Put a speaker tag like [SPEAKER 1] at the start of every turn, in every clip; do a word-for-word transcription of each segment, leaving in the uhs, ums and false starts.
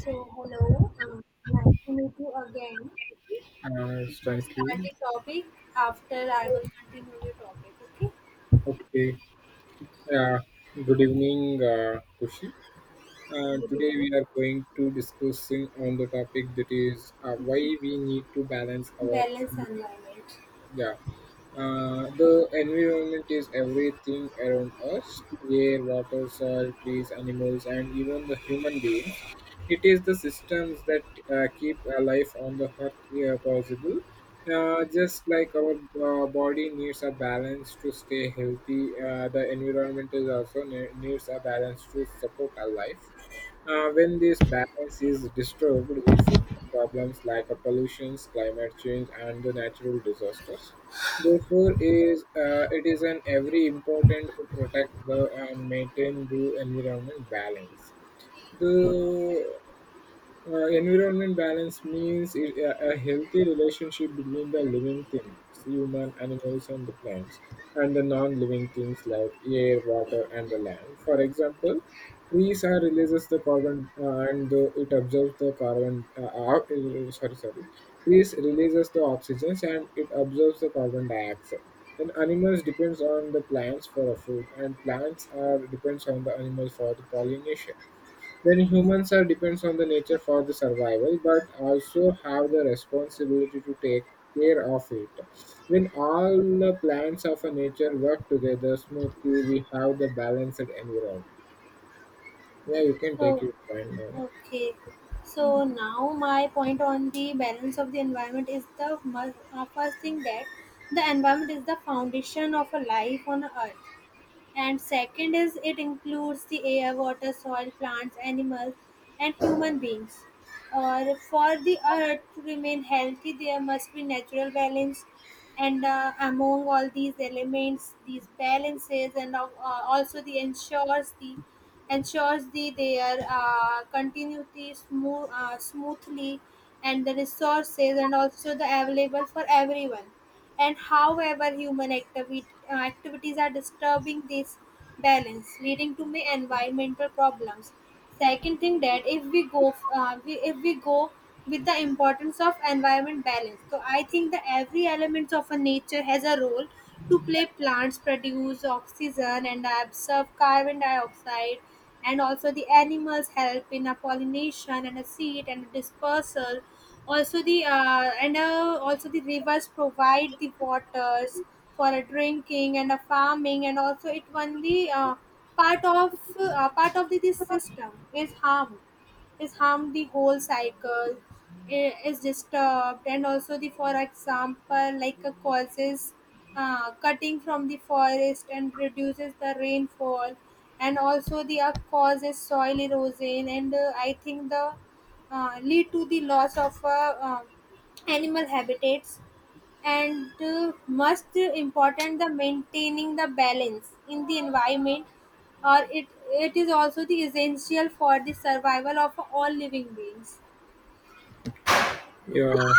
[SPEAKER 1] So, hello, um, nice to meet you again. Okay.
[SPEAKER 2] Uh,
[SPEAKER 1] So,
[SPEAKER 2] thank
[SPEAKER 1] start
[SPEAKER 2] you.
[SPEAKER 1] the topic after I will continue the topic, okay?
[SPEAKER 2] Okay. Uh, Good evening, uh, Kushi. Uh,
[SPEAKER 1] On the
[SPEAKER 2] today we
[SPEAKER 1] different
[SPEAKER 2] are going to discussing on the topic that is uh, why we need to balance our
[SPEAKER 1] balance environment.
[SPEAKER 2] yeah. Uh, the environment is everything around us air, water, soil, trees, animals, and even the human beings. It is the systems that uh, keep uh, life on the earth uh, possible. Uh, just like our uh, body needs a balance to stay healthy, uh, the environment is also ne- needs a balance to support our life. Uh, when this balance is disturbed, we face problems like uh, pollution, climate change, and the natural disasters. Therefore, is uh, it is an every important to protect the and maintain the environment balance. The uh, environment balance means i- a, a healthy relationship between the living things, human, animals, and the plants, and the non-living things like air, water, and the land. For example, trees are releases the carbon uh, and the, it absorbs the carbon. Uh, out- uh, sorry, sorry. Trees releases the oxygen and it absorbs the carbon dioxide. Then animals depends on the plants for a food, and plants are depends on the animals for the pollination then humans are depends on the nature for the survival, but also have the responsibility to take care of it. When all the plants of a nature work together smoothly, we have the balanced environment. Yeah, you can take
[SPEAKER 1] So,
[SPEAKER 2] your point now.
[SPEAKER 1] okay. So, now my point on the balance of the environment is the must, uh, first thing that the environment is the foundation of a life on earth, and second is it includes the air, water, soil, plants, animals, and human beings, or for the earth to remain healthy there must be natural balance, and uh, among all these elements these balances and uh, also the ensures the ensures the their uh, continuity smooth, uh, smoothly, and the resources and also the available for everyone. And however human activi- uh, activities are disturbing this balance, leading to many environmental problems. Second thing, that if we go uh, we, if we go with the importance of environment balance, so I think that every element of a nature has a role to play. Plants produce oxygen and absorb carbon dioxide, and also the animals help in a pollination and a seed and dispersal, also the uh, and uh, also the rivers provide the waters for a drinking and a farming, and also it one the uh, part of uh, part of the, this system is harmed, is harmed the whole cycle i- is disturbed, and also the, for example, like a causes uh, cutting from the forest and reduces the rainfall, and also the uh, causes soil erosion, and uh, I think the uh, lead to the loss of uh, uh, animal habitats. And uh, must important the maintaining the balance in the environment, or it it is also the essential for the survival of all living beings.
[SPEAKER 2] Yeah.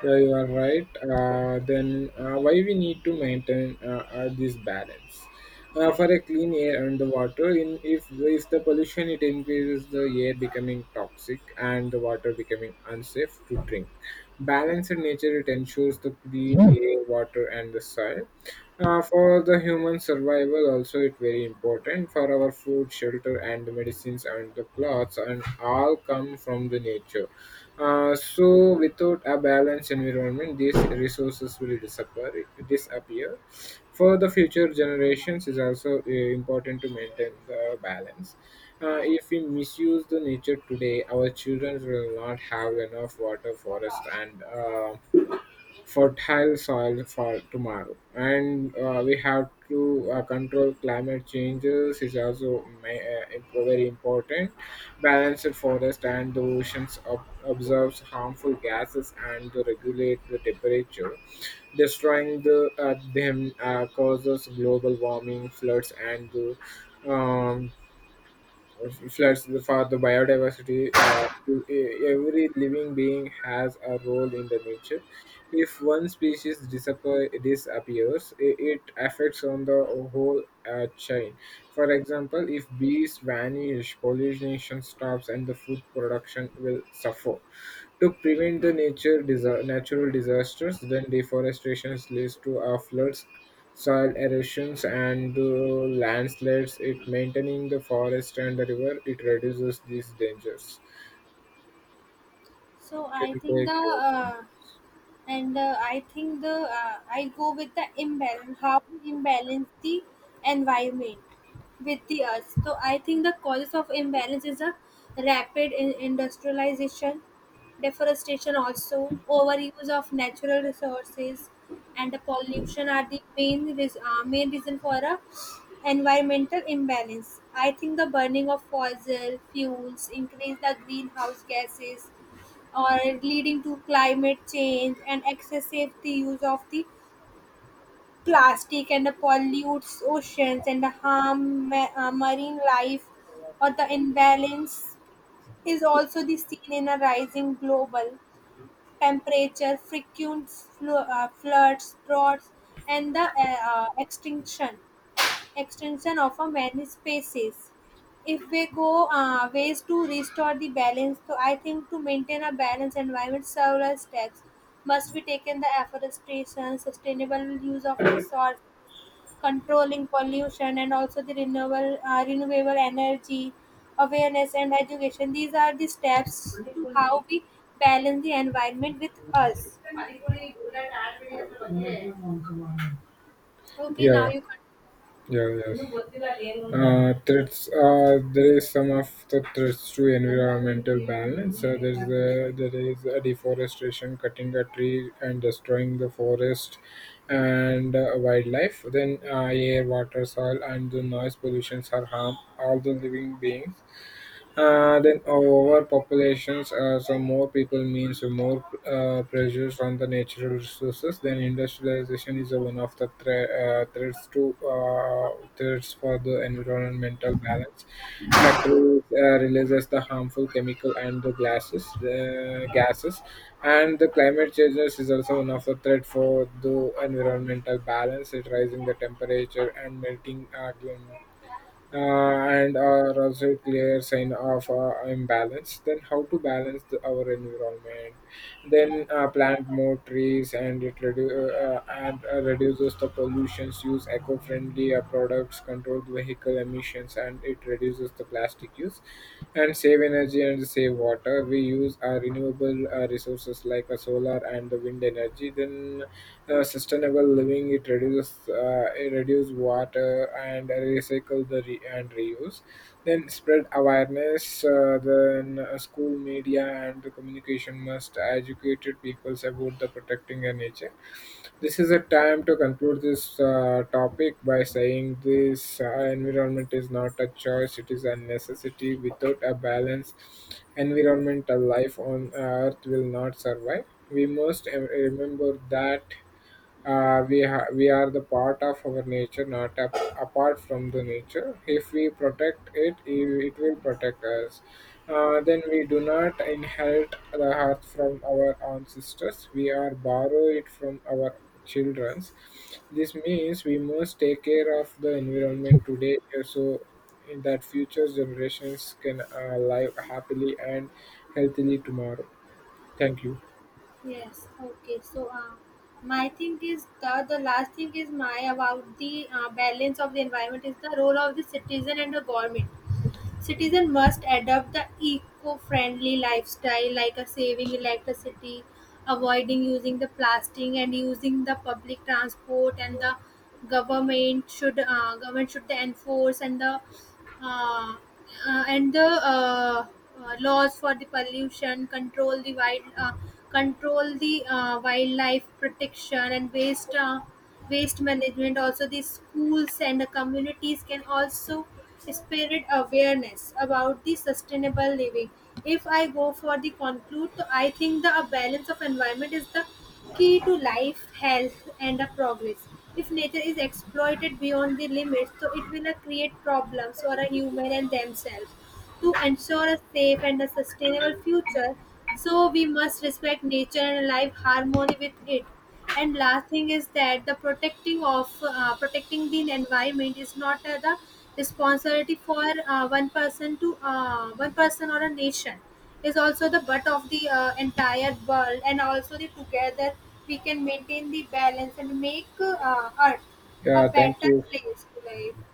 [SPEAKER 2] Yeah, you are right. Uh, then uh, why we need to maintain uh, uh, this balance uh, for a clean air and the water? In if if the pollution it increases, the air becoming toxic and the water becoming unsafe to drink. Balance in nature it ensures the clean air, water, and the soil. Uh, for the human survival, also it very important for our food, shelter, and the medicines and the clothes, and all come from the nature uh, so without a balanced environment, these resources will disappear. Disappear. For the future generations, is also uh, important to maintain the balance. Uh, if we misuse the nature today, our children will not have enough water, forest, and uh, fertile soil for tomorrow. And uh, we have to uh, control climate changes is also ma- uh, imp- very important. Balanced forest and the oceans ob- absorbs harmful gases and to regulate the temperature. Destroying the uh, them uh, causes global warming, floods, and the um, floods the- for the biodiversity. Uh, e- every living being has a role in the nature. If one species disappear, disappears, i- it affects on the whole uh, chain. For example, if bees vanish, pollination stops, and the food production will suffer. To prevent the nature disa- natural disasters, then deforestation leads to uh, floods, soil erosions, and uh, landslides. It maintaining the forest and the river, it reduces these dangers.
[SPEAKER 1] So
[SPEAKER 2] Can
[SPEAKER 1] I think
[SPEAKER 2] you take
[SPEAKER 1] the uh, and uh, I think the uh, I go with the imbalance, how we imbalance the environment with the earth. So I think the causes of imbalance is a rapid in- industrialization, deforestation, also overuse of natural resources, and the pollution are the main res- uh, main reason for a environmental imbalance. I think the burning of fossil fuels increase the greenhouse gases, or leading to climate change, and excessive the use of the plastic and the pollutes oceans and the harm ma- uh, marine life, or the imbalance is also the seen in a rising global temperature, frequent flu- uh, floods, droughts, and the uh, uh, extinction extension of a many species. If we go uh, Ways to restore the balance: so I think, to maintain a balanced environment, several steps must be taken: the afforestation, sustainable use of resource, controlling pollution, and also the renewable uh, renewable energy, awareness and education. These are the steps to how we balance the environment with us.
[SPEAKER 2] your
[SPEAKER 1] Okay, now
[SPEAKER 2] yeah.
[SPEAKER 1] you can.
[SPEAKER 2] Yeah, yes. ಇನ್ನು Uh, threats. Uh, there is some of the threats to environmental balance. Uh, there is a, there is a deforestation, cutting a tree and destroying the forest and uh, wildlife. Then uh, air, water, soil, and the noise pollutions are harm all the living beings. Uh, then overpopulations, uh, so more people means more uh, pressures on the natural resources. Then industrialization is one of the thre- uh, threats to uh, threats for the environmental balance. Factories uh, releases the harmful chemical and the glasses, the gases, and the climate changes is also one of the threat for the environmental balance. It rising the temperature and melting uh, gl- uh, and are also a clear sign of uh, imbalance then how to balance the, our environment then uh, plant more trees and it redu- uh, uh, and uh, reduces the pollutions use eco-friendly uh, products control vehicle emissions and it reduces the plastic use and save energy and save water. We use our renewable uh, resources like uh, solar and the wind energy. Then uh, sustainable living it reduces uh, it reduce water and recycle the re- and reuse. Then spread awareness. Uh, then uh, school media and the communication must educate peoples about the protecting the nature this is a time to conclude this uh, topic by saying this uh, environment is not a choice, it is a necessity. Without a balance, environmental life on earth will not survive. We must em- remember that uh, we ha- we are the part of our nature not ap- apart from the nature if we protect it i- it will protect us uh, then we do not inherit the earth from our ancestors we are borrow it from our children's this means we must take care of the environment today uh, so in that future generations can uh, live happily and healthily tomorrow. Thank you.
[SPEAKER 1] Yes, okay. So, uh, my thing is the, the last thing is my about the uh, balance of the environment is the role of the citizen and the government. Citizen must adopt the eco-friendly lifestyle like a saving electricity, avoiding using the plastic and using the public transport, and the government should uh, government should enforce and the uh, uh, and the uh, uh, laws for the pollution control, the wild uh, control the uh, wildlife protection and waste uh, waste management, also the schools and the communities can also spread awareness about the sustainable living. If I go for the conclude, so I think the a balance of environment is the key to life, health, and a progress. If nature is exploited beyond the limits, so it will uh, create problems for a human and themselves. To ensure a safe and a sustainable future, so we must respect nature and live harmony with it. And last thing is that the protecting of uh, protecting the environment is not uh, the responsibility for uh, one person to uh, one person or a nation, is also the butt of the uh, entire world, and also the together we can maintain the balance and make uh, earth a
[SPEAKER 2] Yeah, thank
[SPEAKER 1] better
[SPEAKER 2] you.
[SPEAKER 1] place to live.